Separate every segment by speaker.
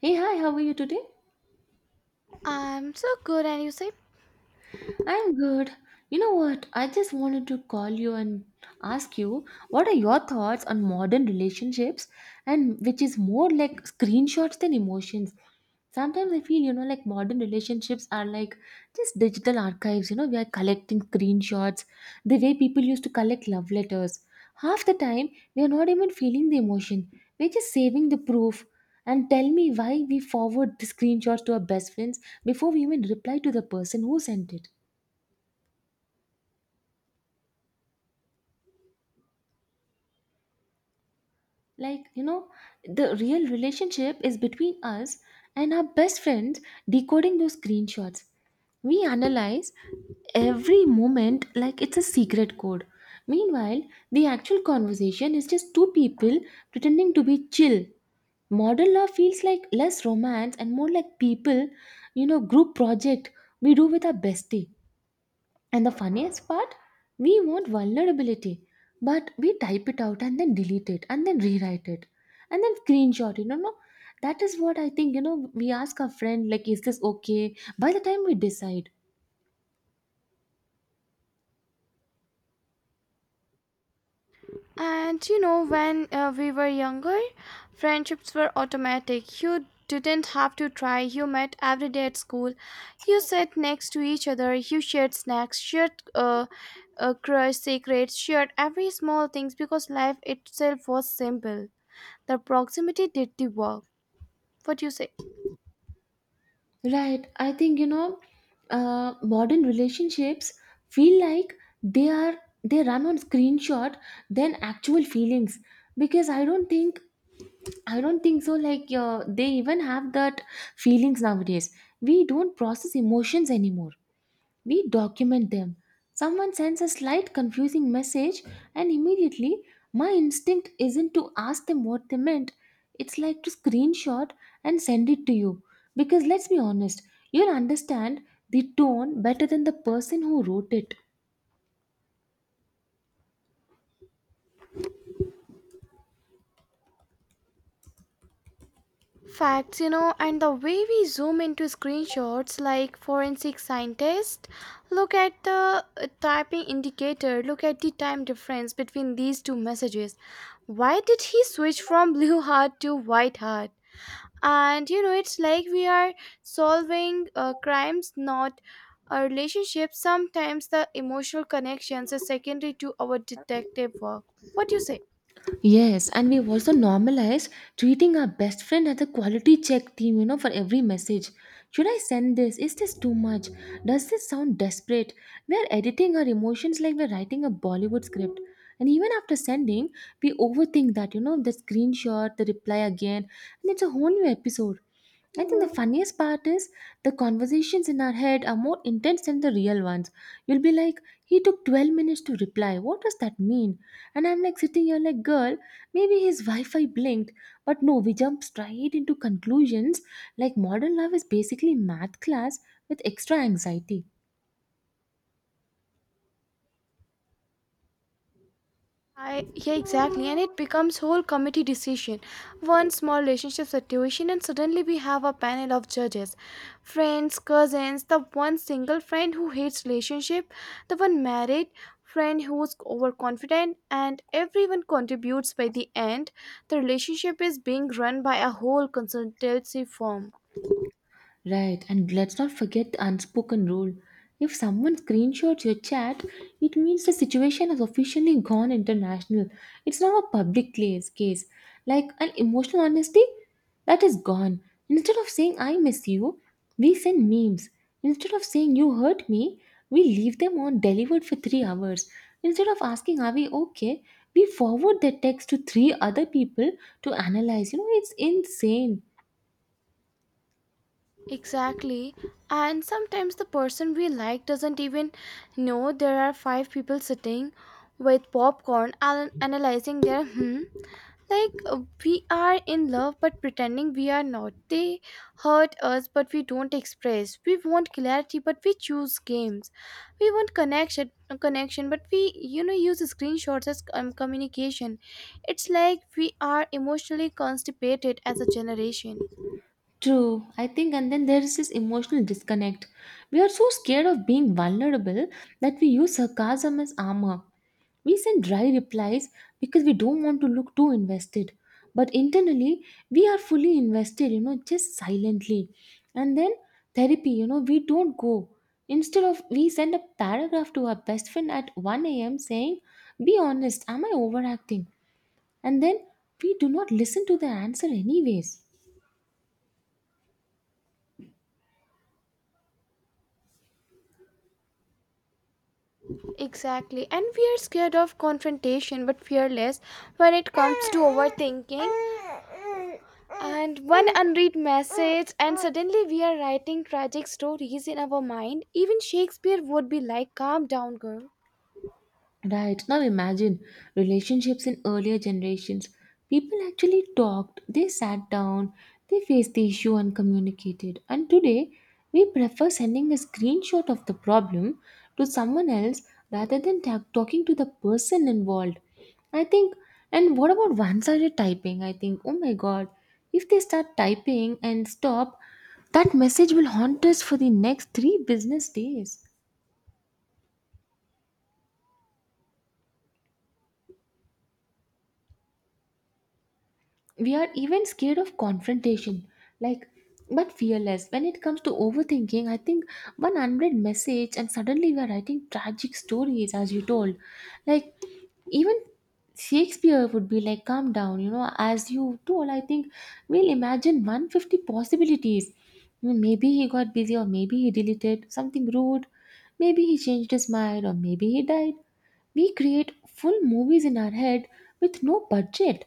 Speaker 1: Hey, hi, how are you today?
Speaker 2: I'm so good, and you say,
Speaker 1: I'm good. You know what? I just wanted to call you and ask you what are your thoughts on modern relationships and which is more like screenshots than emotions. Sometimes I feel, you know, like modern relationships are like just digital archives, you know, we are collecting screenshots, the way people used to collect love letters. Half the time, we are not even feeling the emotion. We're just saving the proof. And tell me why we forward the screenshots to our best friends before we even reply to the person who sent it. Like, you know, the real relationship is between us and our best friends decoding those screenshots. We analyze every moment like it's a secret code. Meanwhile, the actual conversation is just two people pretending to be chill. Modern love feels like less romance and more like people, you know, group project we do with our bestie. And the funniest part, we want vulnerability, but we type it out and then delete it and then rewrite it and then screenshot it. No, no, that is what I think. You know, we ask our friend, like, is this okay? By the time we decide,
Speaker 2: when we were younger, friendships were automatic. You didn't have to try. You met every day at school. You sat next to each other. You shared snacks, shared crush secrets, shared every small things because life itself was simple. The proximity did the work. What do you say?
Speaker 1: right? I think, you know, modern relationships feel like they are they run on screenshot than actual feelings, because I don't think so. Like they even have that feelings nowadays. We don't process emotions anymore. We document them. Someone sends a slight confusing message, and immediately my instinct isn't to ask them what they meant. It's like to screenshot and send it to you. Because let's be honest, you'll understand the tone better than the person who wrote it.
Speaker 2: Facts, and the way we zoom into screenshots like forensic scientists, look at the typing indicator, look at the time difference between these two messages. Why did he switch from blue heart to white heart? And you know, it's like we are solving crimes, not a relationship. Sometimes the emotional connections are secondary to our detective work. What do you say?
Speaker 1: Yes, and we've also normalized treating our best friend as a quality check team, you know, for every message. Should I send this? Is this too much? Does this sound desperate? We are editing our emotions like we're writing a Bollywood script. And even after sending, we overthink that, you know, the screenshot, the reply again, and it's a whole new episode. I think the funniest part is the conversations in our head are more intense than the real ones. You'll be like, he took 12 minutes to reply. What does that mean? And I'm like sitting here like, girl, maybe his Wi Fi blinked. But no, we jump straight into conclusions like modern love is basically math class with extra anxiety.
Speaker 2: Yeah, exactly. And it becomes whole committee decision. One small relationship situation, and suddenly we have a panel of judges, friends, cousins, the one single friend who hates relationship, the one married friend who's overconfident, and everyone contributes. By the end, the relationship is being run by a whole consultancy firm.
Speaker 1: Right, and let's not forget the unspoken rule. If someone screenshots your chat, it means the situation has officially gone international. It's now a public case, case. Like an emotional honesty, that is gone. Instead of saying I miss you, we send memes. Instead of saying you hurt me, we leave them on delivered for 3 hours. Instead of asking are we okay, we forward the text to three other people to analyze. You know, it's insane.
Speaker 2: Exactly. And sometimes the person we like doesn't even know there are five people sitting with popcorn and analyzing their hmm. Like we are in love but pretending we are not. They hurt us but we don't express. We want clarity but we choose games. We want connection but we use screenshots as communication. It's like we are emotionally constipated as a generation.
Speaker 1: True, I think, and then there is this emotional disconnect. We are so scared of being vulnerable that we use sarcasm as armor. We send dry replies because we don't want to look too invested. But internally, we are fully invested, you know, just silently. And then therapy, you know, we don't go. Instead of, we send a paragraph to our best friend at 1 a.m. saying, be honest, am I overacting? And then we do not listen to the answer, anyways.
Speaker 2: Exactly. And we are scared of confrontation but fearless when it comes to overthinking. And one unread message, and suddenly we are writing tragic stories in our mind. Even Shakespeare would be like, calm down, girl.
Speaker 1: Right. Now imagine relationships in earlier generations. People actually talked, they sat down, they faced the issue and communicated. And today, we prefer sending a screenshot of the problem to someone else rather than talking to the person involved. I think, and what about one sided typing? I think, oh my god, if they start typing and stop, that message will haunt us for the next three business days. We are even scared of confrontation, like, but fearless when it comes to overthinking. I think one unread message and suddenly we are writing tragic stories, as you told, like, even Shakespeare would be like calm down, you know, as you told. I think we'll imagine 150 possibilities. Maybe he got busy, or maybe he deleted something rude, maybe he changed his mind, or maybe he died. We create full movies in our head with no budget.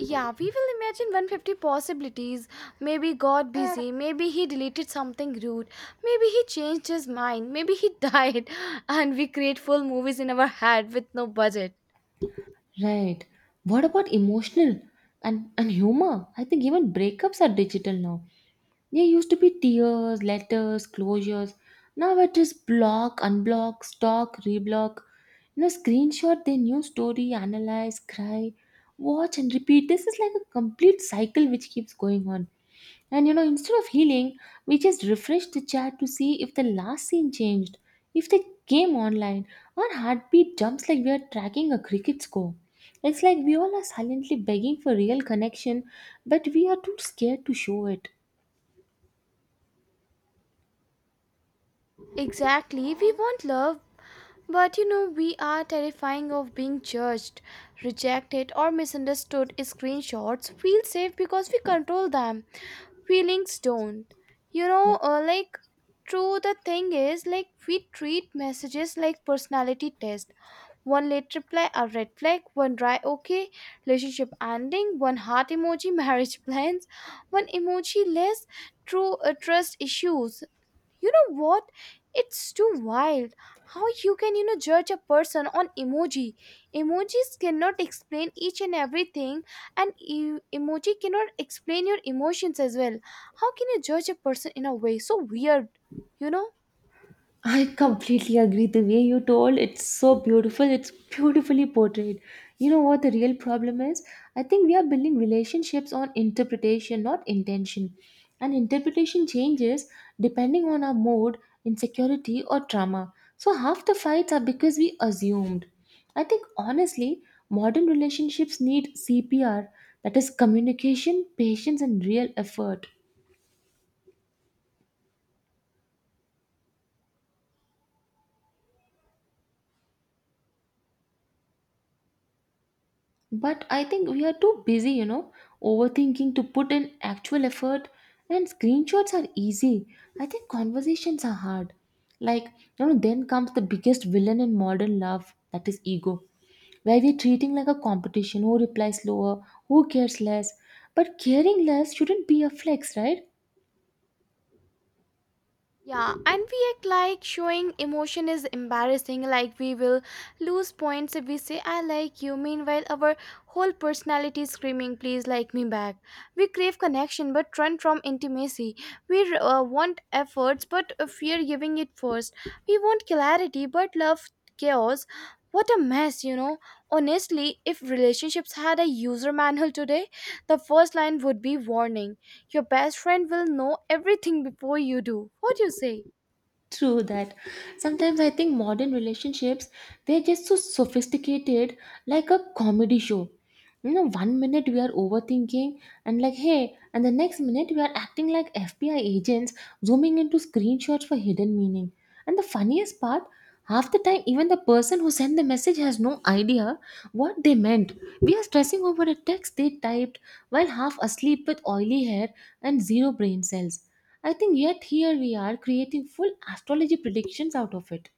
Speaker 2: Yeah, we will imagine 150 possibilities. Maybe God busy, maybe he deleted something rude, maybe he changed his mind, maybe he died. And we create full movies in our head with no budget.
Speaker 1: Right. What about emotional and humor? I think even breakups are digital now. They used to be tears, letters, closures. Now it is block, unblock, stalk, reblock. You know, screenshot their new story, analyze, cry, watch, and repeat. This is like a complete cycle which keeps going on. And you know, instead of healing, we just refreshed the chat to see if the last scene changed, if they came online. Our heartbeat jumps like we are tracking a cricket score. It's like we all are silently begging for real connection, but we are too scared to show it.
Speaker 2: Exactly. We want love, but we are terrifying of being judged, rejected, or misunderstood. Screenshots feel safe because we control them. Feelings don't. You
Speaker 1: Yeah.
Speaker 2: know, uh, like, true, the thing is, like, we treat messages like personality test. One late reply, a red flag, one dry okay, relationship ending, one heart emoji, marriage plans, one emoji less, true trust issues, you know what, it's too wild how you can, you know, judge a person on emoji. Emojis cannot explain each and everything, and emoji cannot explain your emotions as well. How can you judge a person in a way so weird, you know?
Speaker 1: I completely agree. The way you told, it's so beautiful. It's beautifully portrayed. You know what the real problem is? I think we are building relationships on interpretation, not intention. And interpretation changes depending on our mood, insecurity, or trauma. So half the fights are because we assumed. I think honestly, modern relationships need CPR, that is communication, patience, and real effort. But I think we are too busy, you know, overthinking to put in actual effort. And screenshots are easy. I think conversations are hard. Like, you know, then comes the biggest villain in modern love, that is ego, where we're treating like a competition: who replies slower, who cares less. But caring less shouldn't be a flex, right?
Speaker 2: Yeah, and we act like showing emotion is embarrassing, like we will lose points if we say, I like you. Meanwhile, our whole personality is screaming, please like me back. We crave connection but run from intimacy. We want efforts but fear giving it first. We want clarity but love chaos. What a mess, you know. Honestly, if relationships had a user manual today, the first line would be warning. Your best friend will know everything before you do. What do you say?
Speaker 1: True that. Sometimes I think modern relationships, they're just so sophisticated, like a comedy show. You know, one minute we are overthinking and like, hey, and the next minute we are acting like FBI agents zooming into screenshots for hidden meaning. And the funniest part, half the time, even the person who sent the message has no idea what they meant. We are stressing over a text they typed while half asleep with oily hair and zero brain cells. I think yet here we are creating full astrology predictions out of it.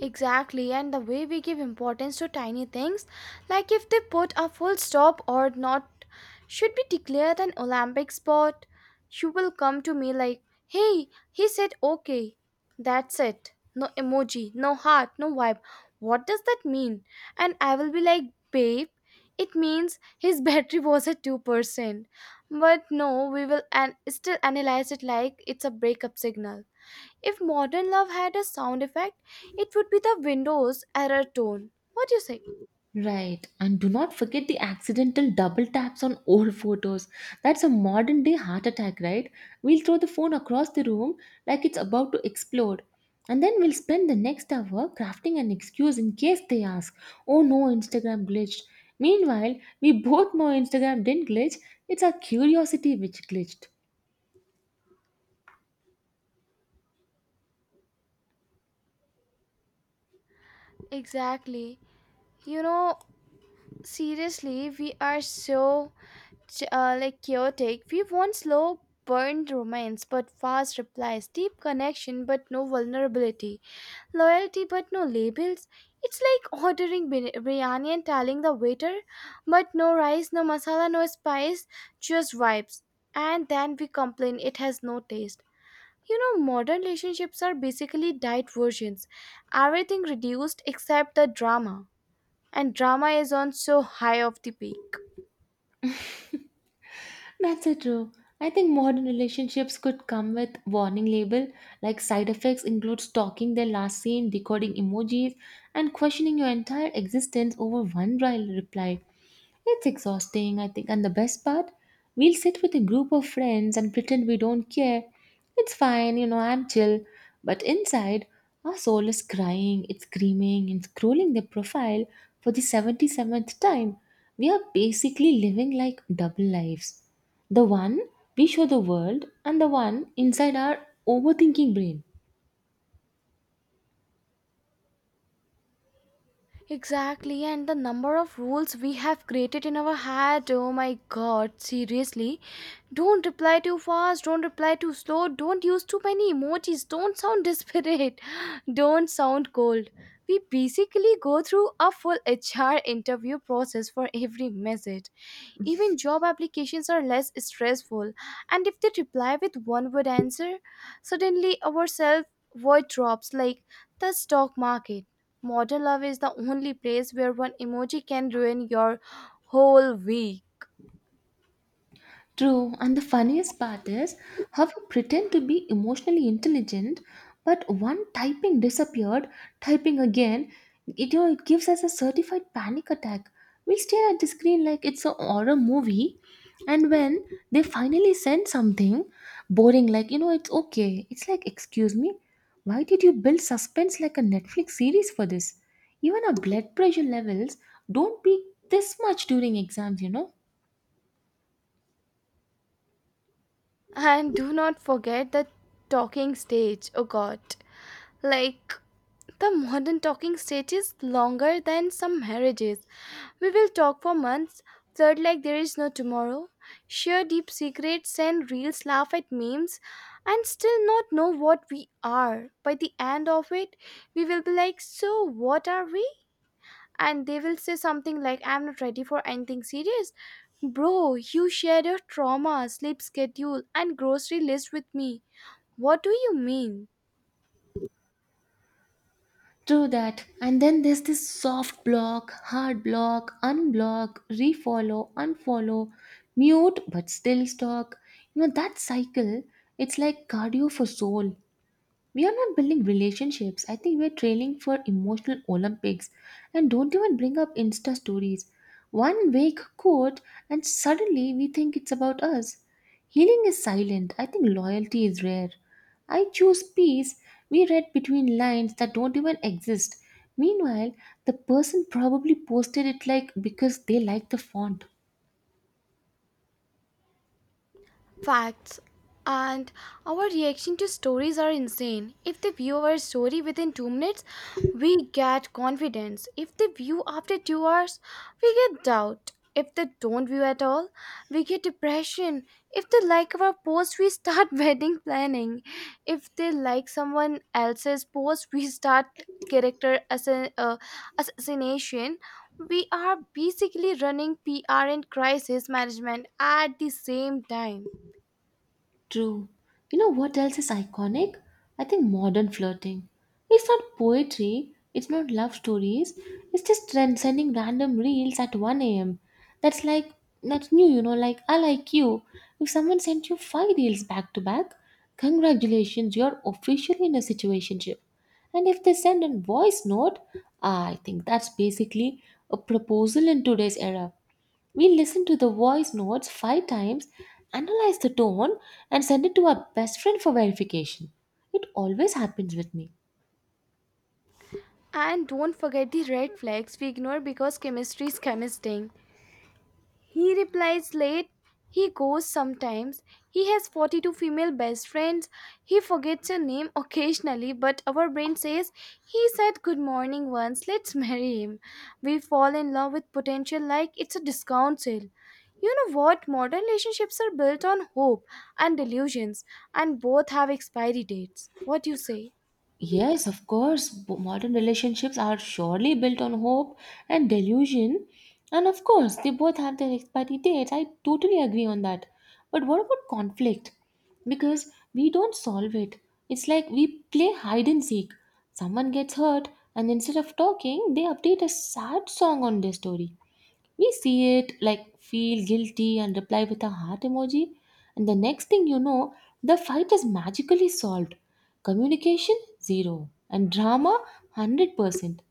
Speaker 2: Exactly, and the way we give importance to tiny things, like if they put a full stop or not, should be declared an Olympic sport. You will come to me like, hey, he said okay. That's it. No emoji, no heart, no vibe. What does that mean? And I will be like, babe, it means his battery was at 2%. But no, we will still analyze it like it's a breakup signal. If modern love had a sound effect, it would be the Windows error tone. What do you say?
Speaker 1: Right, and do not forget the accidental double taps on old photos. That's a modern day heart attack, right? We'll throw the phone across the room like it's about to explode. And then we'll spend the next hour crafting an excuse in case they ask, oh no, Instagram glitched. Meanwhile, we both know Instagram didn't glitch, it's our curiosity which glitched.
Speaker 2: Exactly. You know, seriously, we are so chaotic. We want slow burned romance but fast replies, deep connection but no vulnerability, loyalty but no labels. It's like ordering biryani and telling the waiter, but no rice, no masala, no spice, just vibes. And then we complain it has no taste. You know, modern relationships are basically diet versions. Everything reduced except the drama. And drama is on so high of the peak.
Speaker 1: That's so true. I think modern relationships could come with warning label, like side effects include stalking their last scene, decoding emojis, and questioning your entire existence over one dry reply. It's exhausting, I think. And the best part, we'll sit with a group of friends and pretend we don't care. It's fine, you know, I'm chill. But inside, our soul is crying, it's screaming, and scrolling their profile for the 77th time. We are basically living like double lives, the one we show the world, and the one inside our overthinking brain.
Speaker 2: Exactly, and the number of rules we have created in our head. Oh my god, seriously. Don't reply too fast, don't reply too slow, don't use too many emojis, don't sound desperate, don't sound cold. We basically go through a full HR interview process for every message. Even job applications are less stressful, and if they reply with one word answer, suddenly our self worth drops like the stock market. Modern love is the only place where one emoji can ruin your whole week.
Speaker 1: True, and the funniest part is how you pretend to be emotionally intelligent, but one typing disappeared, typing again, it, you know, it gives us a certified panic attack. We'll stare at the screen like it's a horror movie, and when they finally send something boring, like, you know, it's okay, it's like, excuse me, why did you build suspense like a Netflix series for this? Even our blood pressure levels don't peak this much during exams, you know?
Speaker 2: And do not forget the talking stage. Oh god. Like, the modern talking stage is longer than some marriages. We will talk for months, flirt like there is no tomorrow, share deep secrets and reels laugh at memes, and still not know what we are. By the end of it, we will be like, so, what are we? And they will say something like, I'm not ready for anything serious. Bro, you shared your trauma, sleep schedule, and grocery list with me. What do you mean?
Speaker 1: True that. And then there's this soft block, hard block, unblock, refollow, unfollow, mute but still stalk. You know, that cycle, it's like cardio for soul. We are not building relationships. I think we're training for emotional Olympics. And don't even bring up Insta stories. One vague quote, and suddenly we think it's about us. Healing is silent. I think loyalty is rare. I choose peace. We read between lines that don't even exist. Meanwhile, the person probably posted it like because they like the font.
Speaker 2: Facts, and our reaction to stories are insane. If they view our story within 2 minutes, we get confidence. If they view after 2 hours, we get doubt. If they don't view at all, we get depression. If they like our post, we start wedding planning. If they like someone else's post, we start character assa- uh, assassination. We are basically running PR and crisis management at the same time.
Speaker 1: True. You know what else is iconic? I think modern flirting. It's not poetry, it's not love stories, it's just trend sending random reels at 1 am. That's like, that's new, you know, like I like you. If someone sent you five reels back to back, congratulations, you're officially in a situationship. And if they send a voice note, I think that's basically a proposal in today's era. We listen to the voice notes five times, analyze the tone, and send it to our best friend for verification. It always happens with me.
Speaker 2: And don't forget the red flags we ignore because chemistry is chemistry. He replies late, he goes sometimes, he has 42 female best friends, he forgets your name occasionally, but our brain says he said good morning once, let's marry him. We fall in love with potential like it's a discount sale. You know what? Modern relationships are built on hope and delusions, and both have expiry dates. What do you say?
Speaker 1: Yes, of course, modern relationships are surely built on hope and delusion. And of course, they both have their expiry dates. I totally agree on that. But what about conflict? Because we don't solve it. It's like we play hide and seek. Someone gets hurt, and instead of talking, they update a sad song on their story. We see it, like feel guilty and reply with a heart emoji. And the next thing you know, the fight is magically solved. Communication, zero. And drama, 100%.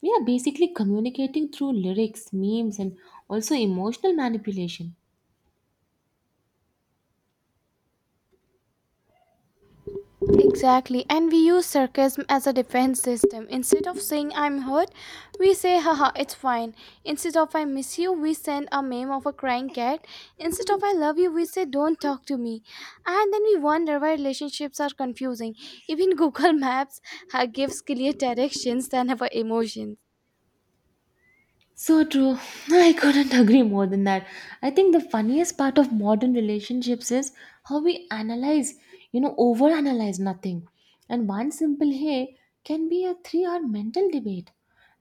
Speaker 1: We are basically communicating through lyrics, memes, and also emotional manipulation.
Speaker 2: Exactly, and we use sarcasm as a defense system. Instead of saying I'm hurt, we say haha, it's fine. Instead of I miss you, we send a meme of a crying cat. Instead of I love you, we say don't talk to me. And then we wonder why relationships are confusing. Even Google Maps gives clear directions than our emotions.
Speaker 1: So true. I couldn't agree more than that. I think the funniest part of modern relationships is how we analyze, overanalyze nothing. And one simple hey can be a 3 hour mental debate.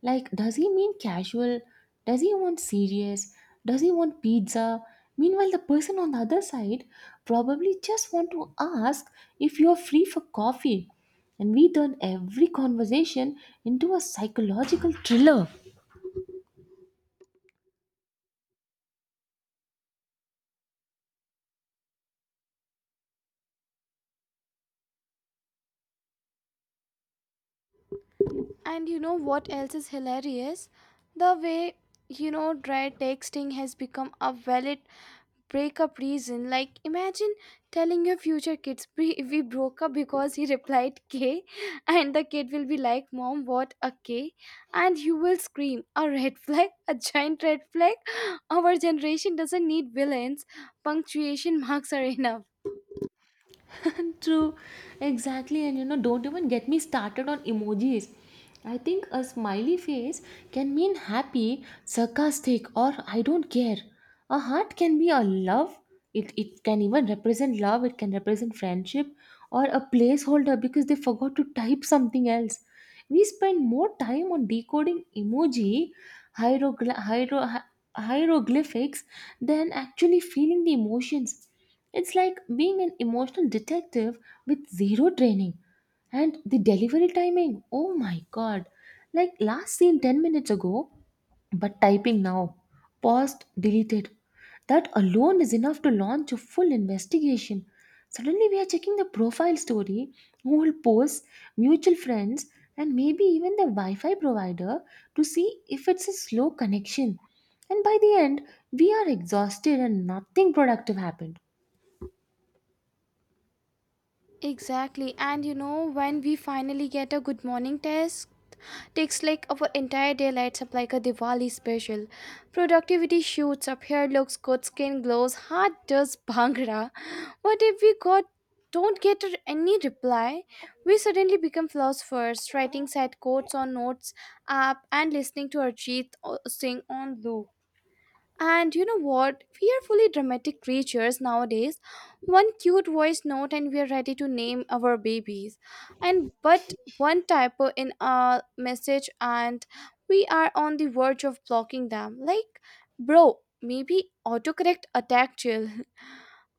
Speaker 1: Like, does he mean casual? Does he want serious? Does he want pizza? Meanwhile, the person on the other side probably just want to ask if you're free for coffee. And we turn every conversation into a psychological thriller.
Speaker 2: And you know what else is hilarious? The way, you know, dry texting has become a valid breakup reason. Like, imagine telling your future kids, we broke up because he replied K, and the kid will be like, mom, what a K? And you will scream, a red flag, a giant red flag. Our generation doesn't need villains, punctuation marks are enough.
Speaker 1: True, exactly. And you know, don't even get me started on emojis. I think a smiley face can mean happy, sarcastic, or I don't care. A heart can be a love. It can even represent love, it can represent friendship, or a placeholder because they forgot to type something else. We spend more time on decoding emoji, hieroglyphics, than actually feeling the emotions. It's like being an emotional detective with zero training. And the delivery timing, oh my god. Like last seen 10 minutes ago, but typing now. Paused, deleted. That alone is enough to launch a full investigation. Suddenly, we are checking the profile story, old posts, mutual friends, and maybe even the Wi Fi provider to see if it's a slow connection. And by the end, we are exhausted and nothing productive happened.
Speaker 2: Exactly, and you know, when we finally get a good morning test, takes like our entire day lights up like a Diwali special. Productivity shoots up, hair looks good, skin glows, heart does bhangra. What if we got don't get r- any reply? We suddenly become philosophers, writing sad quotes on notes app and listening to Arjit sing on loop. And you know what? We are fully dramatic creatures nowadays. One cute voice note and we are ready to name our babies. And but one typo in a message and we are on the verge of blocking them. Like, bro, maybe autocorrect attacked you.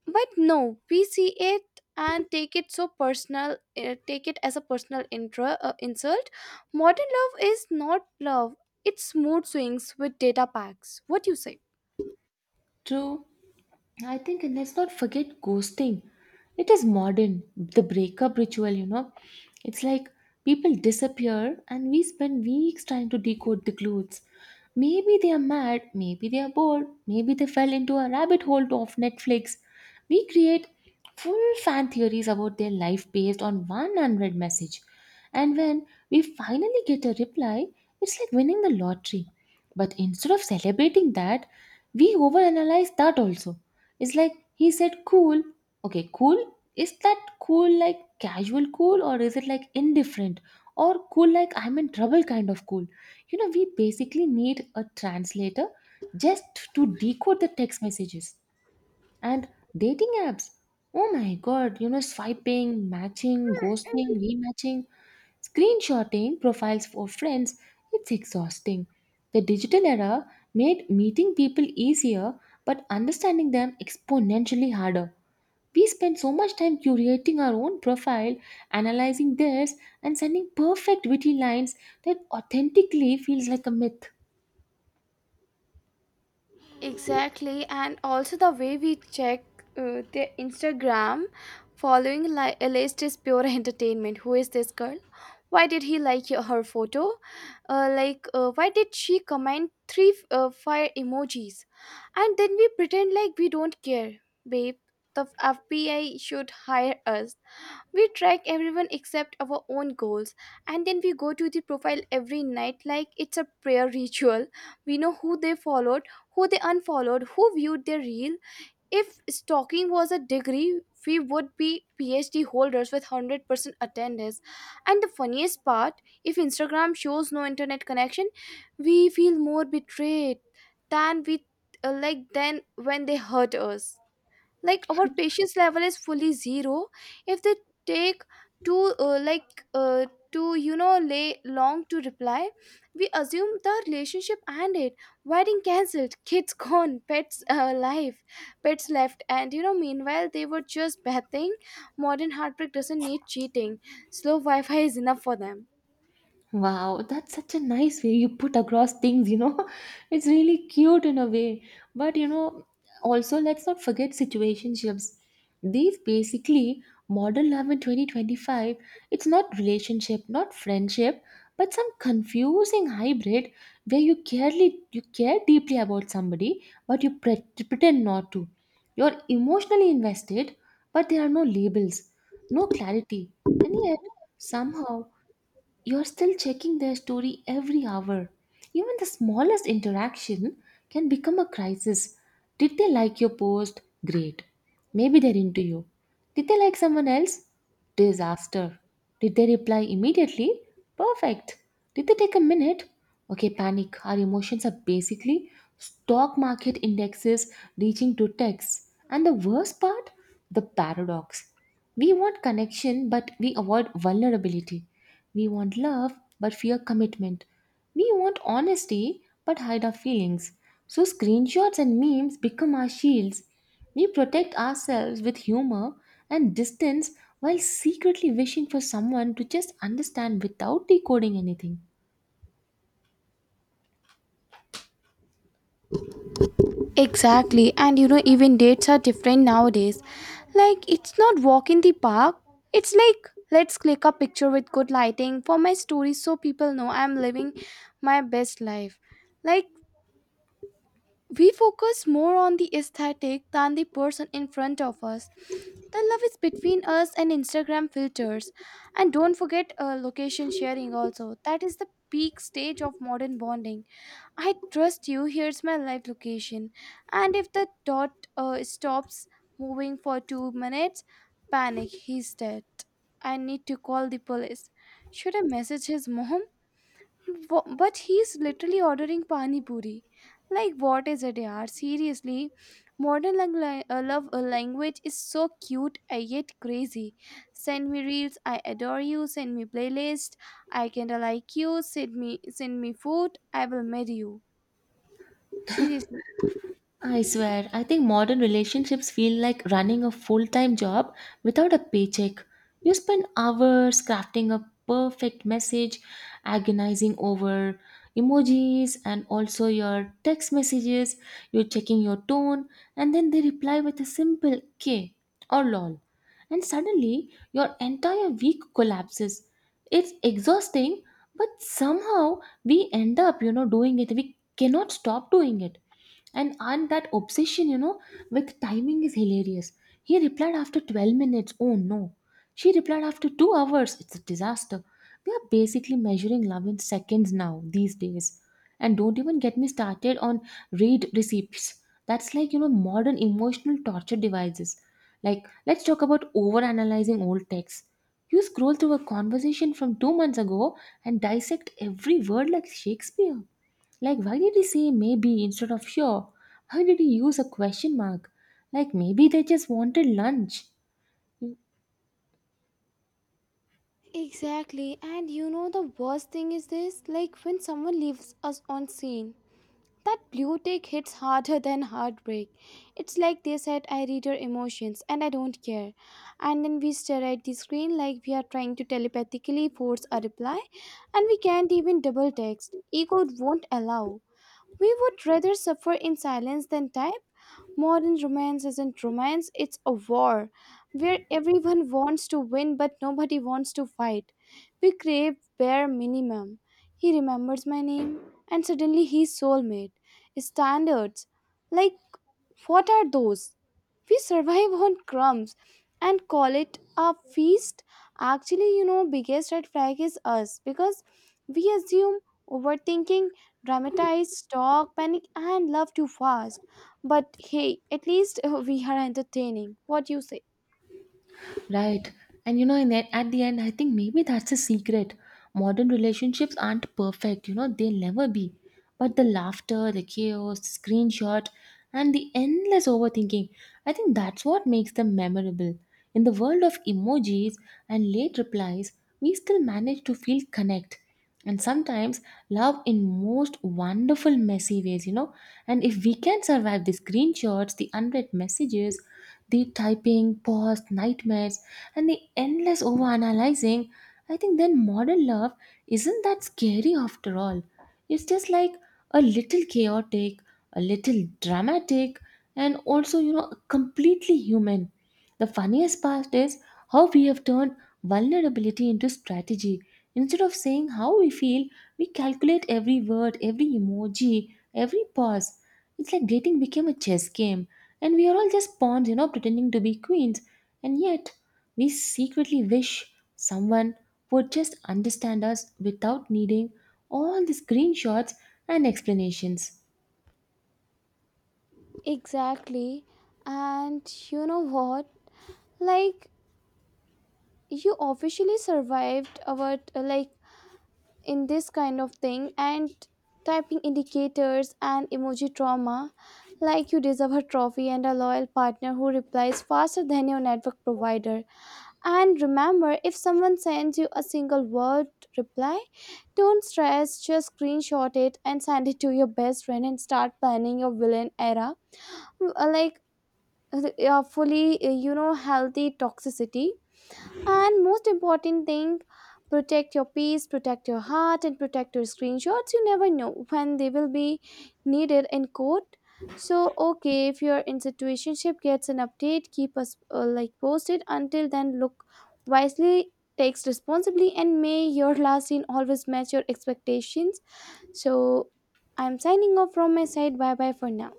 Speaker 2: But no, we see it and take it so personal take it as a personal insult. Modern love is not love, it's mood swings with data packs. What do you say?
Speaker 1: True. I think and let's not forget ghosting. It is modern, the breakup ritual, you know. It's like people disappear and we spend weeks trying to decode the clues. Maybe they are mad, maybe they are bored, maybe they fell into a rabbit hole of Netflix. We create full fan theories about their life based on one unread message. And when we finally get a reply, it's like winning the lottery. But instead of celebrating that, we overanalyze that also. It's like he said cool. Okay, cool. Is that cool like casual cool or is it like indifferent or cool like I'm in trouble kind of cool? You know, we basically need a translator just to decode the text messages and dating apps. Oh my god, you know, swiping, matching, ghosting, rematching. Screenshotting profiles for friends, it's exhausting. The digital era made meeting people easier, but understanding them exponentially harder. We spend so much time curating our own profile, analyzing theirs, and sending perfect witty lines that authentically feels like a myth.
Speaker 2: Exactly, and also the way we check their Instagram following li- a list is pure entertainment. Who is this girl? Why did he like her photo? Why did she comment three fire emojis? And then we pretend like we don't care, babe. The FBI should hire us. We track everyone except our own goals, and then we go to the profile every night like it's a prayer ritual. We know who they followed, who they unfollowed, who viewed their reel. If stalking was a degree, we would be PhD holders with 100% attendance. And the funniest part, if Instagram shows no internet connection, we feel more betrayed than we than when they hurt us. Like, our patience level is fully zero. If they take too like to you know lay long to reply, we assume the relationship ended, wedding cancelled, kids gone, pets left, and you know meanwhile they were just bathing. Modern heartbreak doesn't need cheating, slow wi-fi is enough for them.
Speaker 1: Wow, that's such a nice way you put across things, you know. It's really cute in a way. But, you know, also let's not forget situationships. These basically modern love in 2025. It's not relationship, not friendship, but some confusing hybrid where you care deeply about somebody, but you pretend not to. You're emotionally invested, but there are no labels, no clarity. And yet, somehow you're still checking their story every hour. Even the smallest interaction can become a crisis. Did they like your post? Great. Maybe they're into you. Did they like someone else? Disaster. Did they reply immediately? Perfect. Did they take a minute? Okay, panic. Our emotions are basically stock market indexes reaching to texts. And the worst part? The paradox. We want connection, but we avoid vulnerability. We want love but fear commitment. We want honesty but hide our feelings. So, screenshots and memes become our shields. We protect ourselves with humor and distance while secretly wishing for someone to just understand without decoding anything.
Speaker 2: Exactly, and you know, even dates are different nowadays. Like, it's not walk in the park, it's like let's click a picture with good lighting for my story so people know I'm living my best life. Like, we focus more on the aesthetic than the person in front of us. The love is between us and Instagram filters. And don't forget location sharing also. That is the peak stage of modern bonding. I trust you. Here's my live location. And if the dot stops moving for 2 minutes, panic. He's dead. I need to call the police. Should I message his mom? But he's literally ordering pani puri. Like, what is it, yaar? Seriously, modern love language is so cute, yet crazy. Send me reels. I adore you. Send me playlist. I kinda like you. Send me food. I will marry you. Seriously.
Speaker 1: I swear, I think modern relationships feel like running a full time job without a paycheck. You spend hours crafting a perfect message, agonizing over emojis and also your text messages. You're checking your tone, and then they reply with a simple K or lol. And suddenly, your entire week collapses. It's exhausting, but somehow we end up, you know, doing it. We cannot stop doing it. And that obsession, you know, with timing is hilarious. He replied after 12 minutes, oh no. She replied after 2 hours, it's a disaster. We are basically measuring love in seconds now these days. And don't even get me started on read receipts. That's like, you know, modern emotional torture devices. Like, let's talk about overanalyzing old texts. You scroll through a conversation from 2 months ago and dissect every word like Shakespeare. Like, why did he say maybe instead of sure? Why did he use a question mark? Like, maybe they just wanted lunch.
Speaker 2: Exactly, and you know the worst thing is this, like when someone leaves us on scene, that blue tick hits harder than heartbreak. It's like they said, I read your emotions and I don't care. And then we stare at the screen like we are trying to telepathically force a reply, and we can't even double text. Ego won't allow. We would rather suffer in silence than type. Modern romance isn't romance, it's a war where everyone wants to win but nobody wants to fight. We crave bare minimum. He remembers my name and suddenly he's soulmate. Standards. Like, what are those? We survive on crumbs and call it a feast. Actually, you know, biggest red flag is us because we assume, overthinking, dramatize, talk, panic, and love too fast. But hey, at least we are entertaining. What you say?
Speaker 1: Right. And you know, in it, at the end, I think maybe that's the secret. Modern relationships aren't perfect, you know, they'll never be. But the laughter, the chaos, the screenshot, and the endless overthinking, I think that's what makes them memorable. In the world of emojis and late replies, we still manage to feel connect. And sometimes love in most wonderful, messy ways, you know. And if we can survive the screenshots, the unread messages, the typing, pause, nightmares, and the endless overanalyzing, I think then modern love isn't that scary after all. It's just like a little chaotic, a little dramatic, and also, you know, completely human. The funniest part is how we have turned vulnerability into strategy. Instead of saying how we feel, we calculate every word, every emoji, every pause. It's like dating became a chess game, and we are all just pawns, you know, pretending to be queens. And yet, we secretly wish someone would just understand us without needing all the screenshots and explanations.
Speaker 2: Exactly. And you know what? Like, you officially survived our, like, in this kind of thing and typing indicators and emoji trauma. Like, you deserve a trophy and a loyal partner who replies faster than your network provider. And remember, if someone sends you a single word reply, don't stress, just screenshot it and send it to your best friend and start planning your villain era. Uh, Like, fully, you know, healthy toxicity. And most important thing, protect your peace, protect your heart, and protect your screenshots. You never know when they will be needed in court. So okay, if your in situationship gets an update, keep us posted. Until then, look wisely, takes responsibly, and may your last scene always match your expectations. So I'm signing off from my side. Bye bye for now.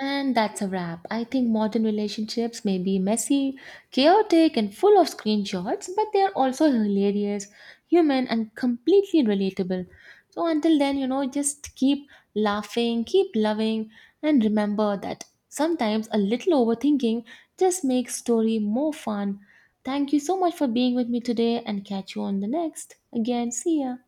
Speaker 1: And that's a wrap. I think modern relationships may be messy, chaotic, and full of screenshots, but they are also hilarious, human, and completely relatable. So until then, you know, just keep laughing, keep loving, and remember that sometimes a little overthinking just makes story more fun. Thank you so much for being with me today and catch you on the next. Again, see ya.